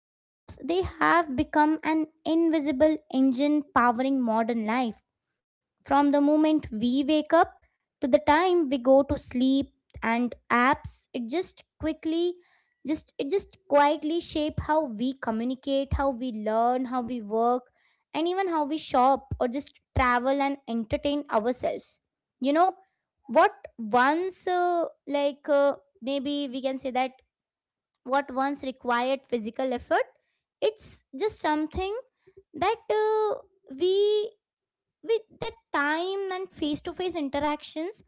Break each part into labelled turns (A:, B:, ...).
A: Online apps, they have become an invisible engine powering modern life from the moment we wake up to the time we go to sleep, and apps it just quietly shape how we communicate, how we learn, how we work, and even how we shop or just travel and entertain ourselves. You know what once like maybe we can say that What once required physical effort, it's just something that we with the time and face to face interactions,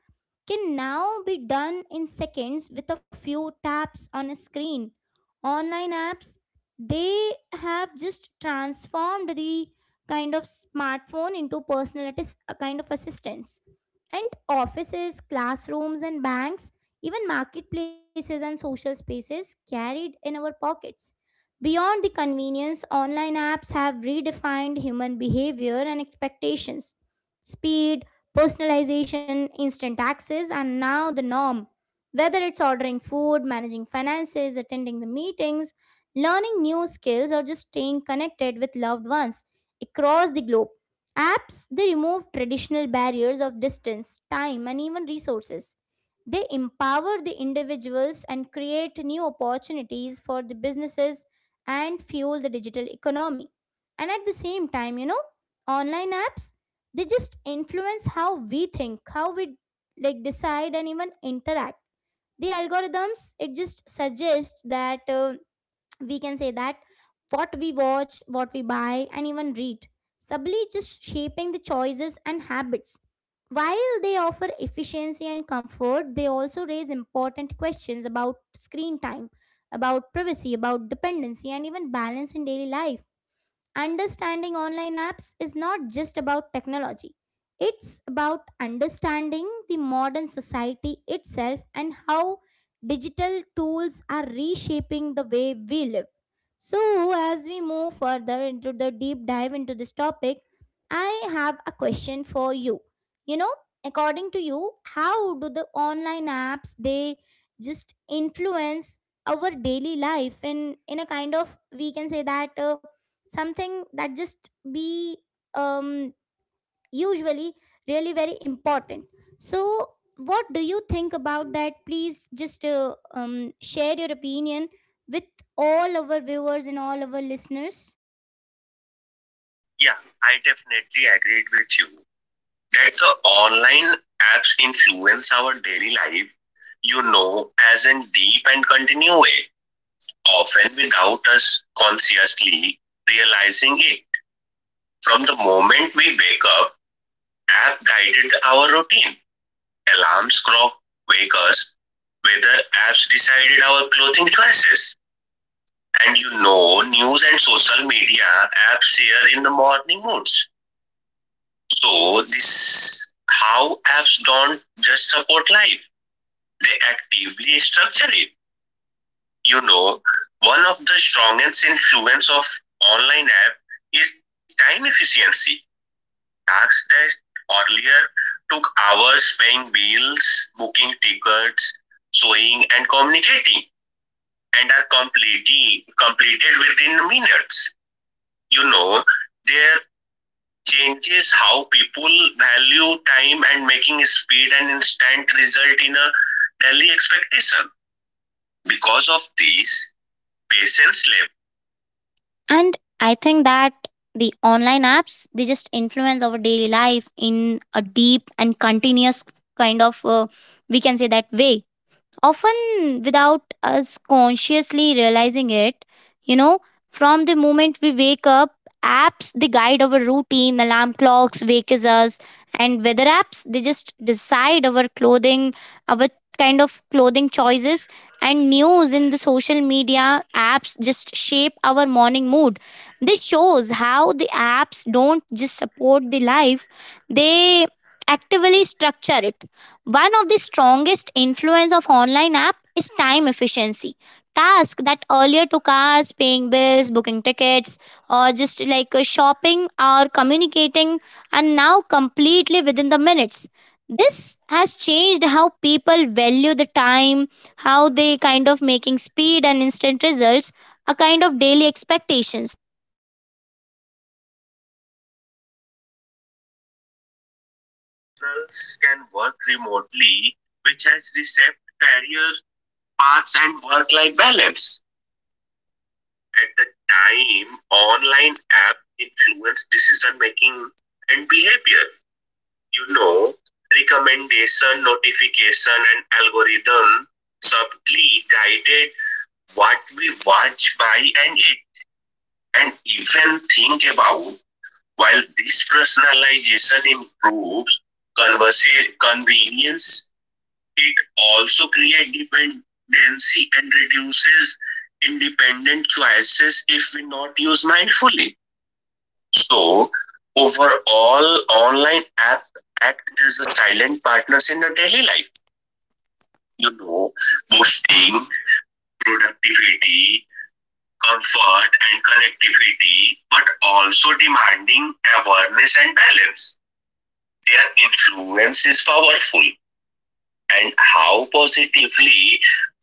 A: can now be done in seconds with a few taps on a screen. Online apps, they have just transformed the kind of smartphone into personal, that is a kind of assistance. And offices, classrooms, and banks, even marketplaces and social spaces carried in our pockets. Beyond the convenience, online apps have redefined human behavior and expectations. Speed, personalization, instant access are now the norm. Whether it's ordering food, managing finances, attending the meetings, learning new skills, or just staying connected with loved ones across the globe, apps they remove traditional barriers of distance, time, and even resources. They empower the individuals and create new opportunities for the businesses and fuel the digital economy. And at the same time, online apps they just influence how we think, how we like decide and even interact. The algorithms it just suggests that we can say that what we watch, what we buy, and even read, subtly just shaping the choices and habits. While they offer efficiency and comfort, they also raise important questions about screen time, about privacy, about dependency, and even balance in daily life. Understanding online apps is not just about technology, it's about understanding the modern society itself and how digital tools are reshaping the way we live. So, as we move further into the deep dive into this topic, I have a question for you. You know, according to you, how do the online apps they just influence our daily life in a kind of, we can say that something that just be um, usually really very important? So what do you think about that? Please just share your opinion with all our viewers and all our listeners.
B: Yeah, I definitely agreed with you that the online apps influence our daily life, as in deep and continue way, often without us consciously realizing it. From the moment we wake up, app guided our routine. Alarms clock wake us, whether apps decided our clothing choices. News and social media apps share in the morning moods. So this how apps don't just support life, they actively structure it. You know, One of the strongest influence of online app is time efficiency. Tasks that earlier took hours paying bills, booking tickets, sewing and communicating and are completely completed within minutes. You know, their changes how people value time and making speed and instant result in a daily expectation. Because of these, patience labor. And I think that the online apps they just influence our daily life in a deep and continuous kind of we can say that way, often without us consciously realizing it. you know from the moment we wake up, apps they guide our routine, alarm clocks wakes us, and weather apps they just decide our clothing, our kind of clothing choices, and news in the social media apps just shape our morning mood. This shows how the apps don't just support the life, they actively structure it. One of the strongest influence of online app is time efficiency. Tasks that earlier took hours paying bills, booking tickets, or just like shopping or communicating, and now completely within the minutes. This has changed how people value the time, how they kind of making speed and instant results, a kind of daily expectations. Professionals can work remotely, which has reshaped career paths and work life balance. At the time, online app influence decision making and behavior. You know, Recommendation, notification, and algorithm subtly guided what we watch, buy, and eat, and even think about. While this personalization improves convenience, it also creates dependency and reduces independent choices if we not use mindfully. So, overall, online app act as a silent partners in the daily life. You know, Boosting productivity, comfort, and connectivity, but also demanding awareness and balance. Their influence is powerful and how positively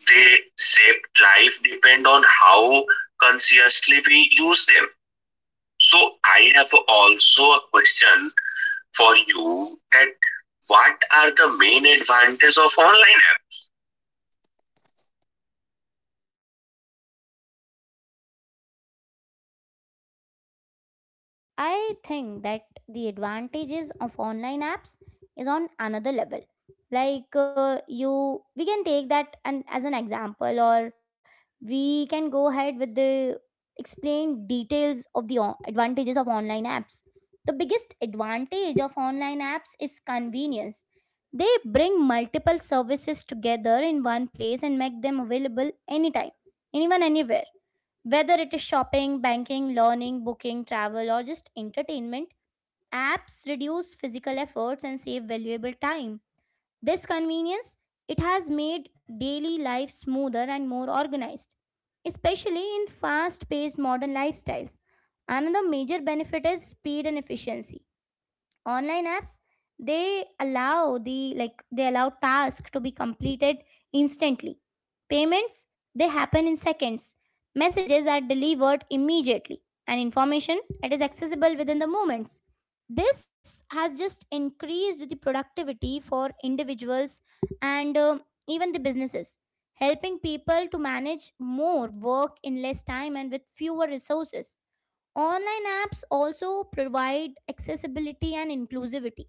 B: they shaped life depend on how consciously we use them. So I have also a question for you that what are the main advantages of online app?
A: I think that the advantages of online apps is on another level. We can take that and as an example, or we can go ahead with the explain details of the advantages of online apps. The biggest advantage of online apps is convenience. They bring multiple services together in one place and make them available anytime, anyone, anywhere. Whether it is shopping, banking, learning, booking, travel, or just entertainment, apps reduce physical efforts and save valuable time. This convenience, it has made daily life smoother and more organized, especially in fast-paced modern lifestyles. Another major benefit is speed and efficiency. Online apps they allow tasks to be completed instantly. Payments, they happen in seconds, messages are delivered immediately, and information, it is accessible within the moments. This has just increased the productivity for individuals and, even the businesses, helping people to manage more work in less time and with fewer resources. Online apps also provide accessibility and inclusivity.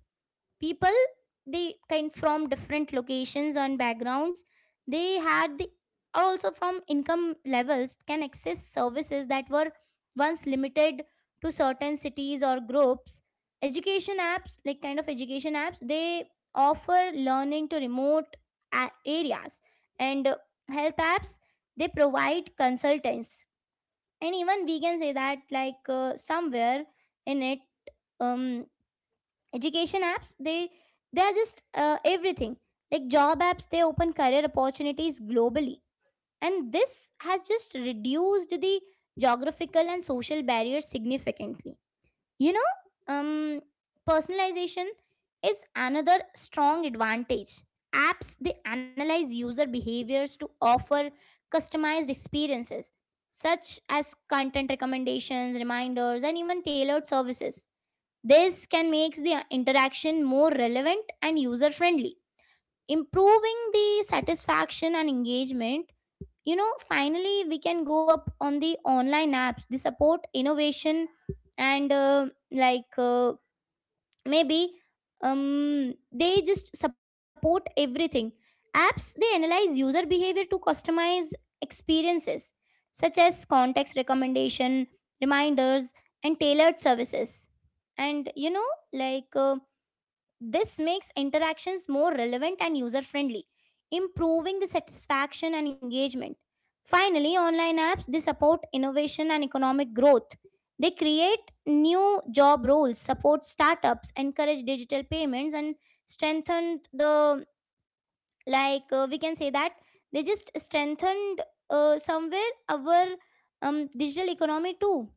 A: People they kind from different locations and backgrounds. They had the, are also from income levels can access services that were once limited to certain cities or groups. Education apps like kind of education apps, they offer learning to remote areas, and health apps they provide consultants, and even we can say that, somewhere in it, um education apps, they are just everything. Like job apps, they open career opportunities globally, and this has just reduced the geographical and social barriers significantly. you know, um, Personalization is another strong advantage. Apps they analyze user behaviors to offer customized experiences, such as content recommendations, reminders, and even tailored services. This can make the interaction more relevant and user friendly, improving the satisfaction and engagement. Finally, we can go up on the online apps. They support innovation and, like maybe they just support everything. Apps they analyze user behavior to customize experiences such as context recommendation, reminders, and tailored services. And this makes interactions more relevant and user friendly, improving the satisfaction and engagement. Finally, online apps they support innovation and economic growth. They create new job roles, support startups, encourage digital payments, and strengthen the, like we can say that they just strengthened, somewhere our, digital economy too.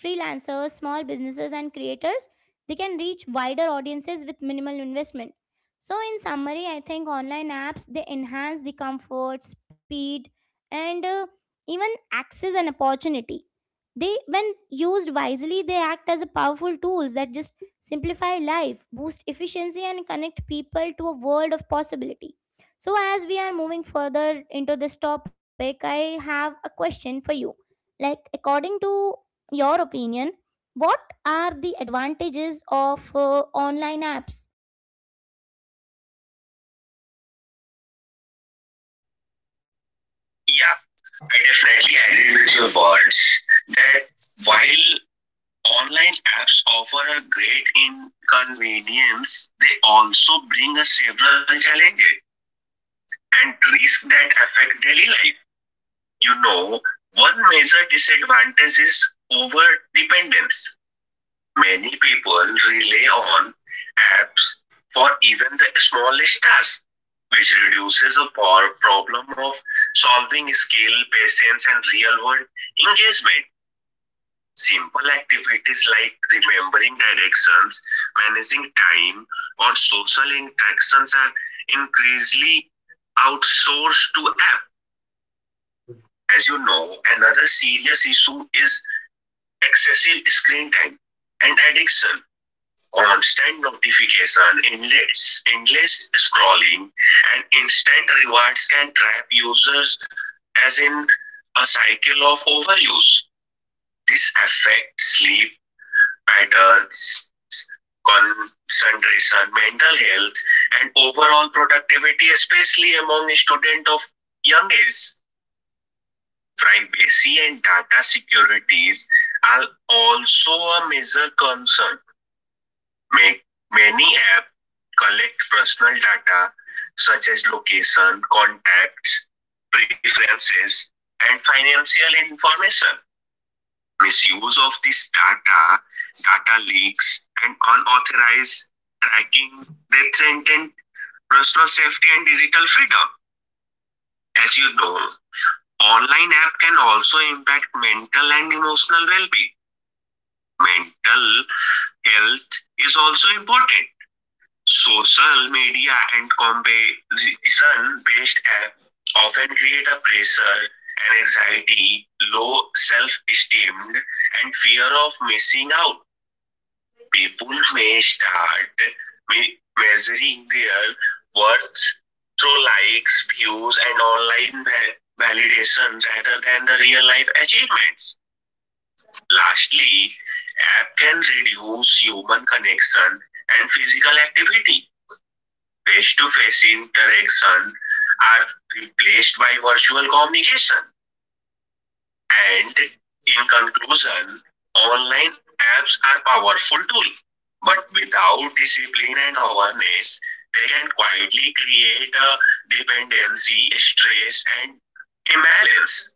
A: Freelancers, small businesses, and creators, they can reach wider audiences with minimal investment. So in summary, I think online apps they enhance the comfort, speed, and, even access and opportunity. They, when used wisely, they act as a powerful tools that just simplify life, boost efficiency, and connect people to a world of possibility. So, as we are moving further into this topic, I have a question for you. Like, according to your opinion, what are the advantages of online apps?
B: Yeah, I definitely agree with your words that while online apps offer a great inconvenience, they also bring us several challenges and risk that affect daily life. You know, One major disadvantage is over dependence. Many people rely on apps for even the smallest tasks, which reduces the problem of solving skill, patience, and real world engagement. Simple activities like remembering directions, managing time, or social interactions are increasingly outsourced to apps. As you know, another serious issue is excessive screen time and addiction. Constant notification, endless scrolling, and instant rewards can trap users as in a cycle of overuse. This affects sleep patterns, concentration, mental health, and overall productivity, especially among students of young age. Privacy and data securities are also a major concern. Many apps collect personal data such as location, contacts, preferences, and financial information. Misuse of this data, data leaks, and unauthorized tracking they threaten personal safety and digital freedom. As you know, online apps can also impact mental and emotional well-being. Mental health is also important. Social media and comparison based apps often create a pressure and anxiety, low self esteem, and fear of missing out. People may start measuring their worth through likes, views, and validation rather than the real life achievements. Lastly, app can reduce human connection and physical activity. Face-to-face interaction are replaced by virtual communication. And in conclusion, online apps are powerful tool, but without discipline and awareness, they can quietly create a dependency, stress, and imbalance.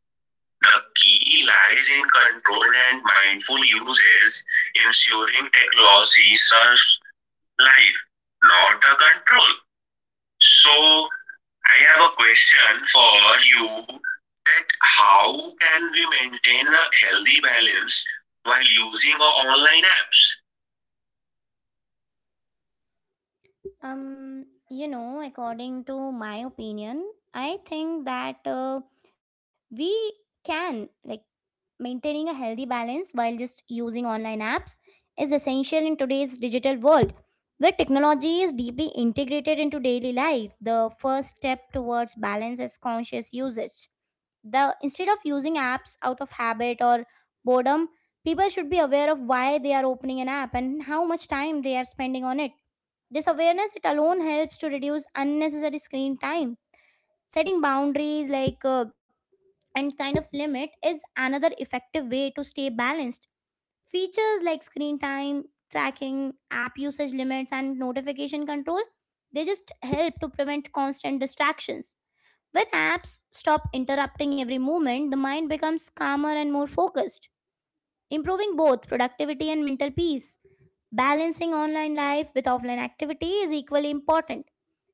B: The key lies in controlled and mindful uses, ensuring technology serves life, not a control. So, I have a question for you that how can we maintain a healthy balance while using our online apps?
A: According to my opinion, I think that we can like maintaining a healthy balance while just using online apps is essential in today's digital world, where technology is deeply integrated into daily life. The first step towards balance is conscious usage. The instead of using apps out of habit or boredom, people should be aware of why they are opening an app and how much time they are spending on it. This awareness it alone helps to reduce unnecessary screen time. Setting boundaries, and kind of limit, is another effective way to stay balanced. Features like screen time, tracking, app usage limits, and notification control, they just help to prevent constant distractions. When apps stop interrupting every moment, the mind becomes calmer and more focused, improving both productivity and mental peace. Balancing online life with offline activity is equally important.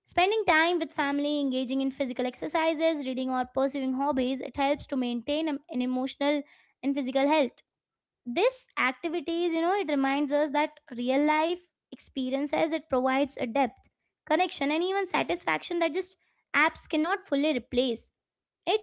A: Spending time with family, engaging in physical exercises, reading, or pursuing hobbies, it helps to maintain an emotional and physical health. This activities, it reminds us that real life experiences, it provides a depth, connection, and even satisfaction that just apps cannot fully replace.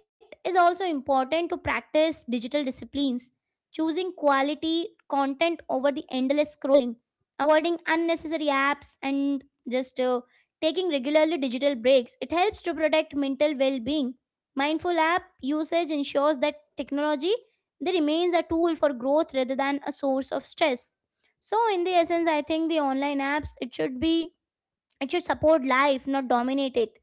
A: It is also important to practice digital disciplines, choosing quality content over the endless scrolling, avoiding unnecessary apps, and just taking regularly digital breaks. It helps to protect mental well being. Mindful app usage ensures that technology they remains a tool for growth rather than a source of stress. So, in the essence, I think the online apps it should be, it should support life, not dominate it.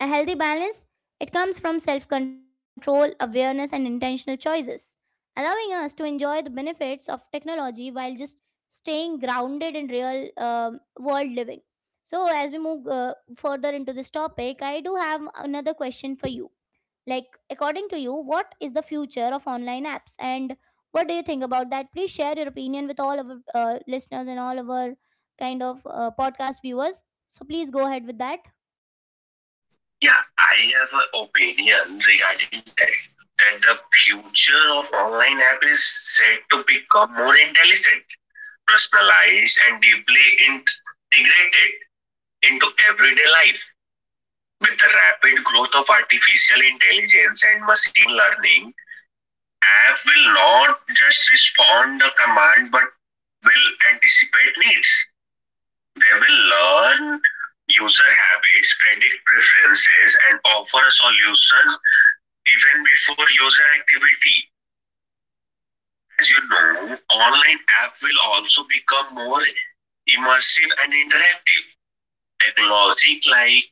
A: A healthy balance, it comes from self control, awareness, and intentional choices, allowing us to enjoy the benefits of technology while just staying grounded in real world living. So, as we move further into this topic, I do have another question for you. Like, according to you, what is the future of online apps, and what do you think about that? Please share your opinion with all of our listeners and all of our kind of podcast viewers. So please go ahead with that.
B: Yeah, I have an opinion regarding that that the future of online app is said to become more intelligent, personalized and deeply integrated into everyday life. With the rapid growth of artificial intelligence and machine learning, app will not just respond the command but will anticipate needs. They will learn user habits, predict preferences, and offer a solution even before user activity. As you know, online app will also become more immersive and interactive technology like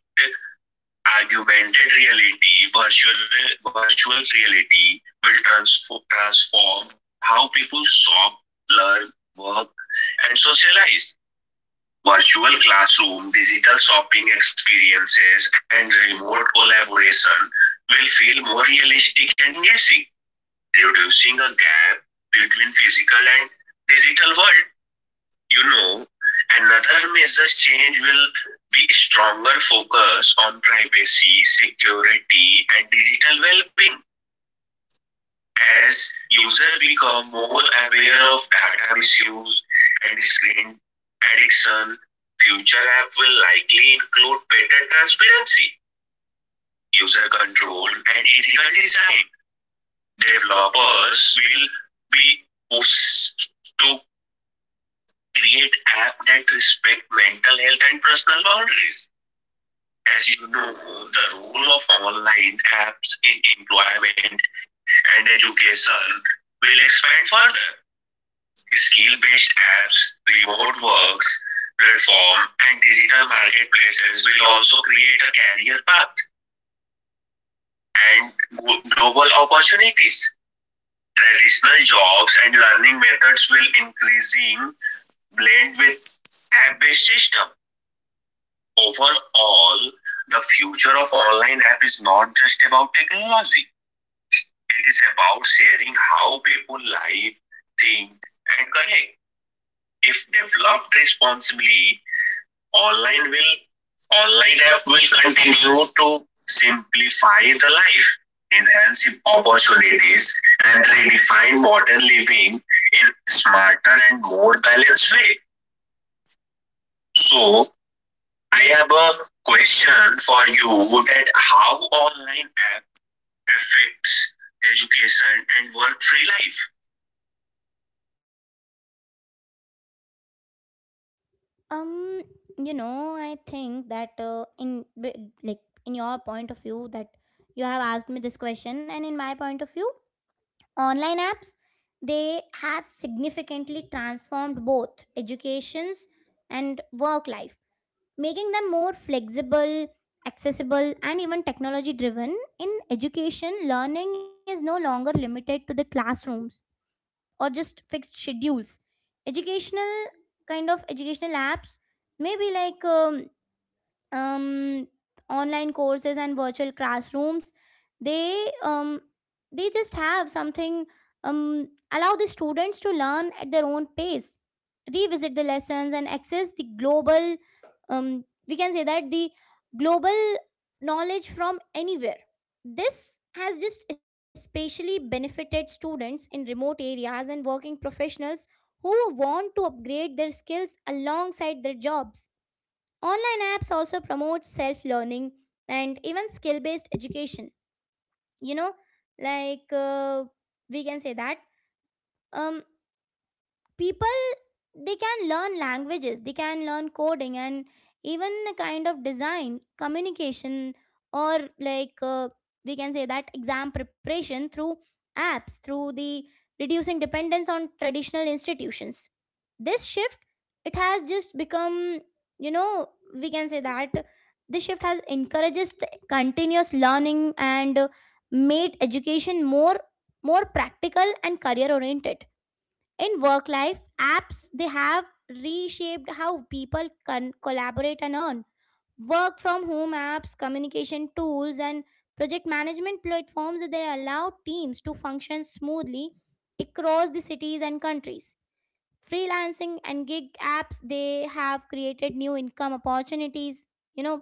B: augmented reality, virtual reality will transform how people shop, learn, work, and socialize. Virtual classroom, digital shopping experiences, and remote collaboration will feel more realistic and engaging, reducing a gap between physical and digital world. you know, Another major change will be stronger focus on privacy, security, and digital well-being as users become more aware of data misuse and screen addiction. Future app will likely include better transparency, user control, and ethical design. Developers will be pushed to create apps that respect mental health and personal boundaries. As you know, the role of online apps in employment and education will expand further. Skill based apps, remote works, platform, and digital marketplaces will also create a career path and global opportunities. Traditional jobs and learning methods will increasingly blend with app-based system. Overall, the future of online app is not just about technology. It is about sharing how people live, think, and connect. If developed responsibly, online will online app will continue to simplify the life, enhance opportunities, and redefine modern living in a smarter and more balanced way. So I have a question for you that how online app affects education and work free life.
A: Um, I think that in b- like in your point of view that you have asked me this question, and in my point of view, online apps they have significantly transformed both educations and work life, making them more flexible, accessible, and even technology driven. In education, learning is no longer limited to the classrooms or just fixed schedules. Educational kind of educational apps may be like um, online courses and virtual classrooms, they um, they just have something allow the students to learn at their own pace, revisit the lessons, and access the global, we can say that the global knowledge from anywhere. This has just especially benefited students in remote areas and working professionals who want to upgrade their skills alongside their jobs. Online apps also promote self learning and even skill based education. You know, like we can say that. Um, people they can learn languages, they can learn coding, and even a kind of design communication, or like we can say that exam preparation through apps, through the reducing dependence on traditional institutions. This shift, it has just become, you know we can say that this shift has encourages continuous learning, and made education more, more practical and career oriented. In work life, apps they have reshaped how people can collaborate and earn. Work from home apps, communication tools, and project management platforms, they allow teams to function smoothly across the cities and countries. Freelancing and gig apps, they have created new income opportunities, you know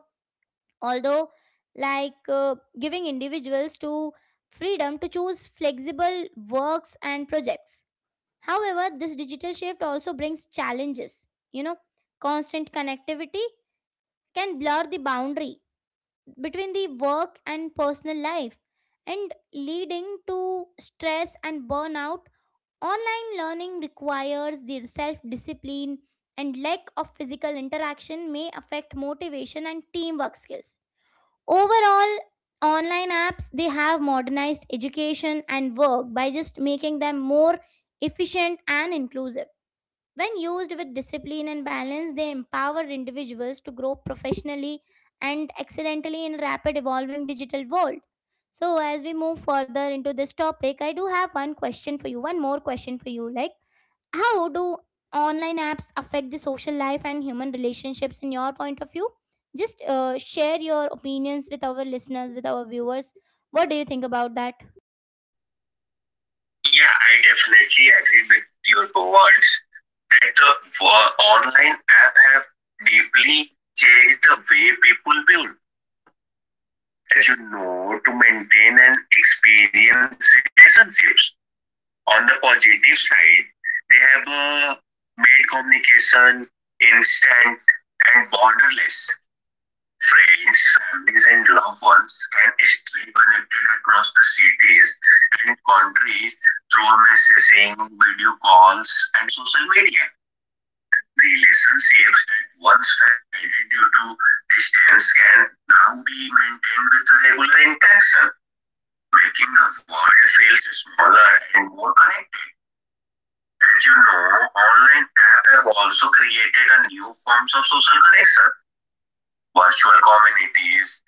A: although, like uh, giving individuals to freedom to choose flexible works and projects. However, this digital shift also brings challenges. You know, constant connectivity can blur the boundary between the work and personal life and leading to stress and burnout. Online learning requires the self discipline and lack of physical interaction may affect motivation and teamwork skills. Overall, online apps they have modernized education and work by just making them more efficient and inclusive. When used with discipline and balance, they empower individuals to grow professionally and excellently in rapid evolving digital world. So as we move further into this topic, I do have one question for you, one more question for you. Like, how do online apps affect the social life and human relationships in your point of view? Just share your opinions with our listeners, with our viewers. What do you think about that?
B: Yeah, I definitely agree with your words that the online app have deeply changed the way people build, as you know, to maintain and experience relationships. On the positive side, they have made communication instant and borderless. Friends, families, and loved ones can stay connected across the cities and countries through messaging, video calls, and social media. Relationships that once faded due to distance can now be maintained with a regular interaction, making the world feel smaller and more connected. As you know, online apps have also created a new forms of social connection, virtual communities,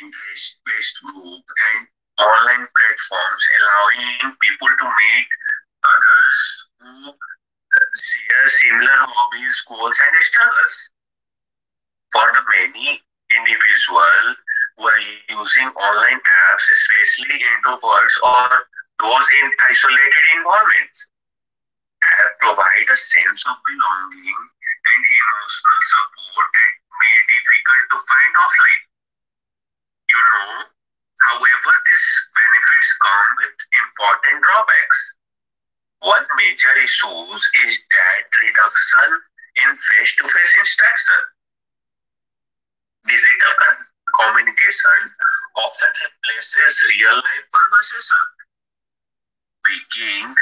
B: interest based group, and online platforms allowing people to meet others who share similar hobbies, goals, and struggles. For the many individual who are using online apps, especially introverts or those in isolated environments, have provided a sense of belonging and emotional support that may be difficult to find offline. You know. However, these benefits come with important drawbacks. One major issue is that reduction in face-to-face interaction. Digital con- communication often replaces real-life conversation, weakening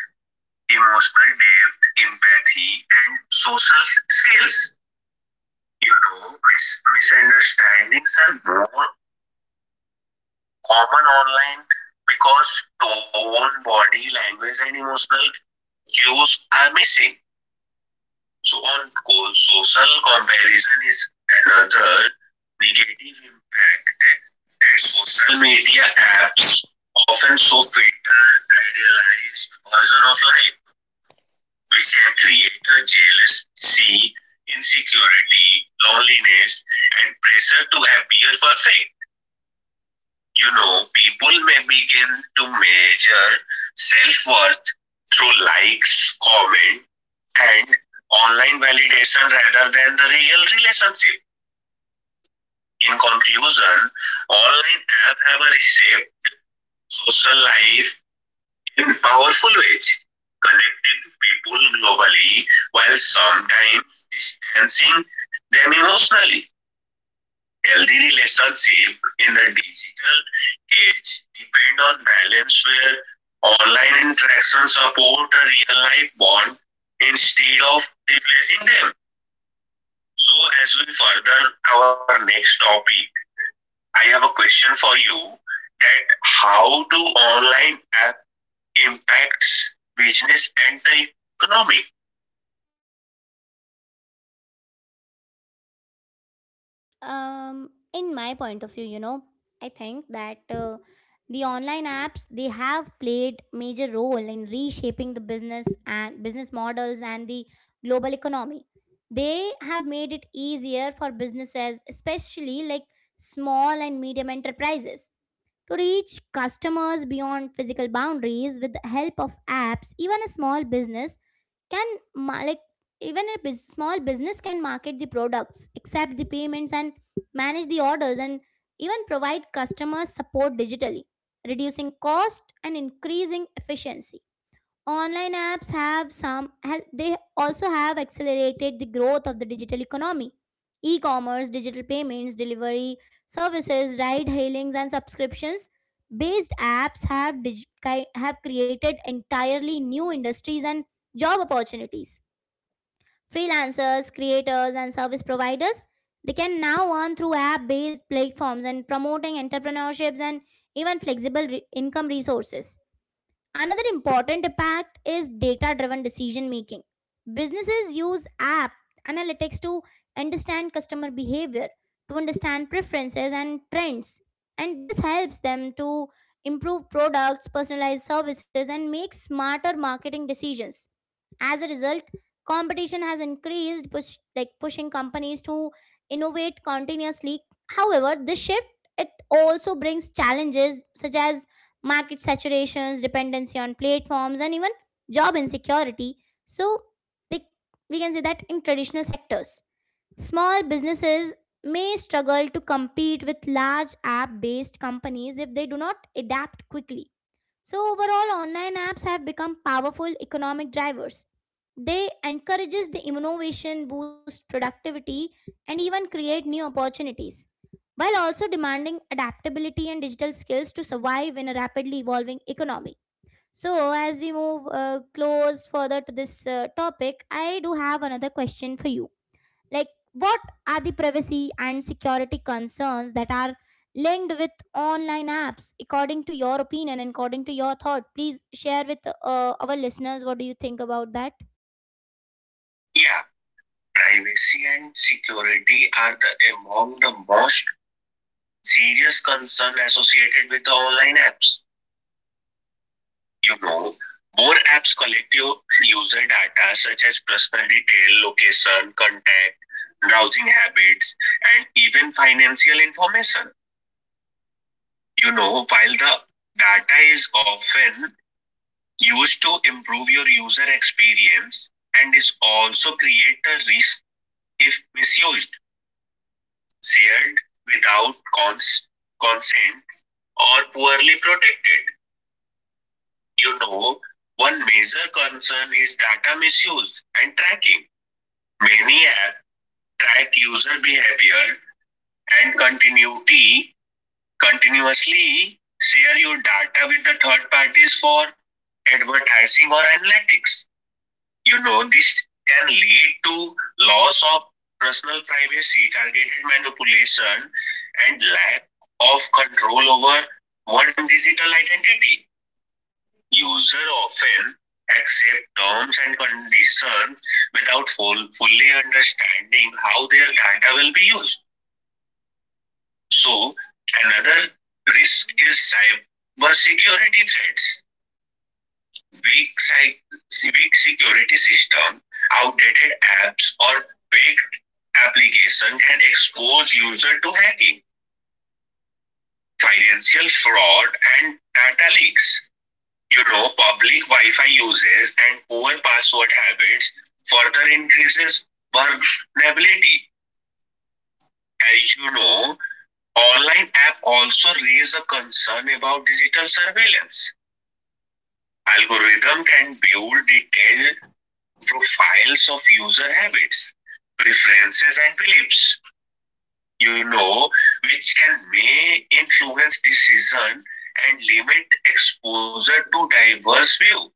B: emotional depth, empathy, and social skills. You know, misunderstandings are more common online because tone, body language, and emotional cues are missing. So on social comparison is another negative impact that social media apps often so filter idealized version of life, which can create a jealousy, insecurity, loneliness, and pressure to appear perfect. You know, people may begin to measure self worth through likes, comments, and online validation rather than the real relationship. In conclusion, online apps have reshaped social life in powerful ways, connecting people globally while sometimes distancing them emotionally. Healthy relationships in the digital age depend on balance where online interaction support a real life bond instead of replacing them. So, as we further our next topic, I have a question for you that how do online app impacts business and the economy?
A: In my point of view, I think that the online apps they have played major role in reshaping the business and business models and the global economy. They have made it easier for businesses, especially like small and medium enterprises, to reach customers beyond physical boundaries. With the help of apps, even a small business can ma- like small business can market the products, accept the payments, and manage the orders, and even provide customer support digitally, reducing cost and increasing efficiency. Online apps have some hel- they also have accelerated the growth of the digital economy. E-commerce, digital payments, delivery services, ride hailings, and subscriptions based apps have have created entirely new industries and job opportunities. Freelancers, creators, and service providers, they can now earn through app based platforms and promoting entrepreneurships and even flexible income resources. Another important impact is data driven decision making. Businesses use app analytics to understand customer behavior, to understand preferences and trends. And this helps them to improve products, personalize services, and make smarter marketing decisions. As a result, competition has increased, pushing companies to innovate continuously. However, this shift it also brings challenges such as market saturations, dependency on platforms, and even job insecurity. So, like, we can say that in traditional sectors, small businesses may struggle to compete with large app based companies if they do not adapt quickly. So overall, online apps have become powerful economic drivers. They encourages the innovation, boost productivity, and even create new opportunities, while also demanding adaptability and digital skills to survive in a rapidly evolving economy. So as we move close further to this topic, I do have another question for you. Like, what are the privacy and security concerns that are linked with online apps? According to your opinion and according to your thought, please share with our listeners what do you think about that.
B: Yeah, privacy and security are the among the most serious concern associated with the online apps. You know, More apps collect your user data such as personal detail, location, contact, browsing habits, and even financial information. While the data is often used to improve your user experience and is also create a risk if misused, shared without cons- consent, or poorly protected. You know, One major concern is data misuse and tracking. Many apps track user behavior and continuity continuously share your data with the third parties for advertising or analytics. You know, this can lead to loss of personal privacy, targeted manipulation, and lack of control over one digital identity. User often accept terms and conditions without fully understanding how their data will be used. So, another risk is cyber security threats, weak security system, outdated apps, or fake application can expose user to hacking, financial fraud, and data leaks. You know, public Wi-Fi usage and poor password habits further increases vulnerability. As you know, online app also raise a concern about digital surveillance. Algorithm can build detailed profiles of user habits, preferences, and beliefs, you know, which can may influence decision and limit exposure to diverse view.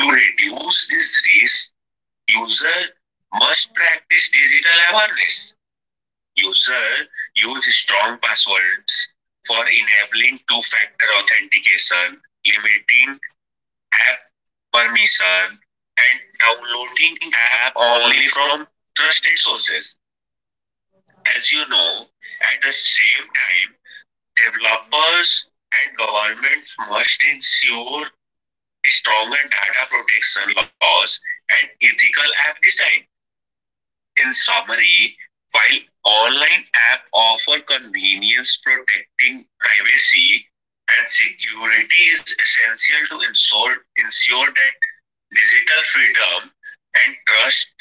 B: To reduce this risk, user must practice digital awareness. User use strong passwords for enabling two-factor authentication, limiting app permission and downloading app only from trusted sources. As you know, at the same time, developers and governments must ensure stronger data protection laws and ethical app design. In summary, while online app offer convenience protecting privacy and security is essential to ensure that digital freedom and trust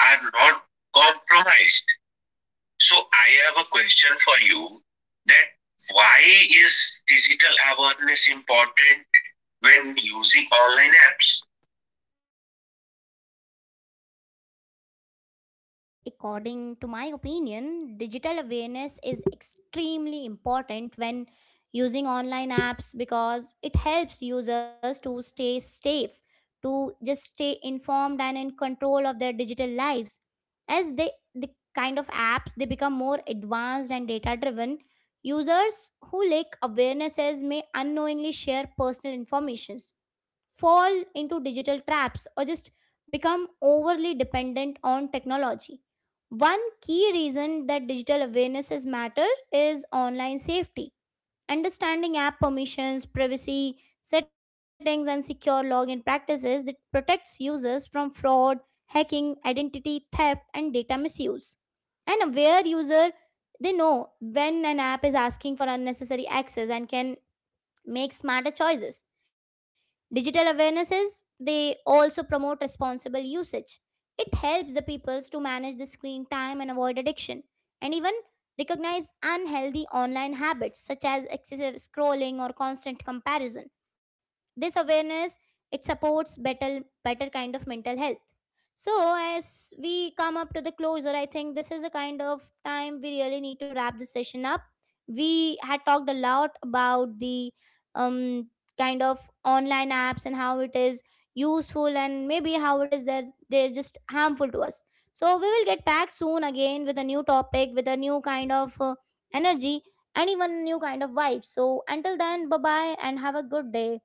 B: are not compromised. So I have a question for you that why is digital awareness important when using online apps?
A: According to my opinion, digital awareness is extremely important when using online apps because it helps users to stay safe, to just stay informed and in control of their digital lives. As they the kind of apps they become more advanced and data driven, users who lack awarenesses may unknowingly share personal informations, fall into digital traps, or just become overly dependent on technology. One key reason that digital awareness is matter is online safety. Understanding app permissions, privacy, settings, and secure login practices that protects users from fraud, hacking, identity theft, and data misuse. An aware user, they know when an app is asking for unnecessary access and can make smarter choices. Digital awarenesses, they also promote responsible usage. It helps the peoples to manage the screen time and avoid addiction, and even recognize unhealthy online habits such as excessive scrolling or constant comparison. This awareness, it supports better kind of mental health. So as we come up to the closure, I think this is a kind of time we really need to wrap this session up. We had talked a lot about the um, kind of online apps and how it is useful and maybe how it is that they're just harmful to us. So we will get back soon again with a new topic, with a new kind of energy and even new kind of vibe. So until then, bye bye and have a good day.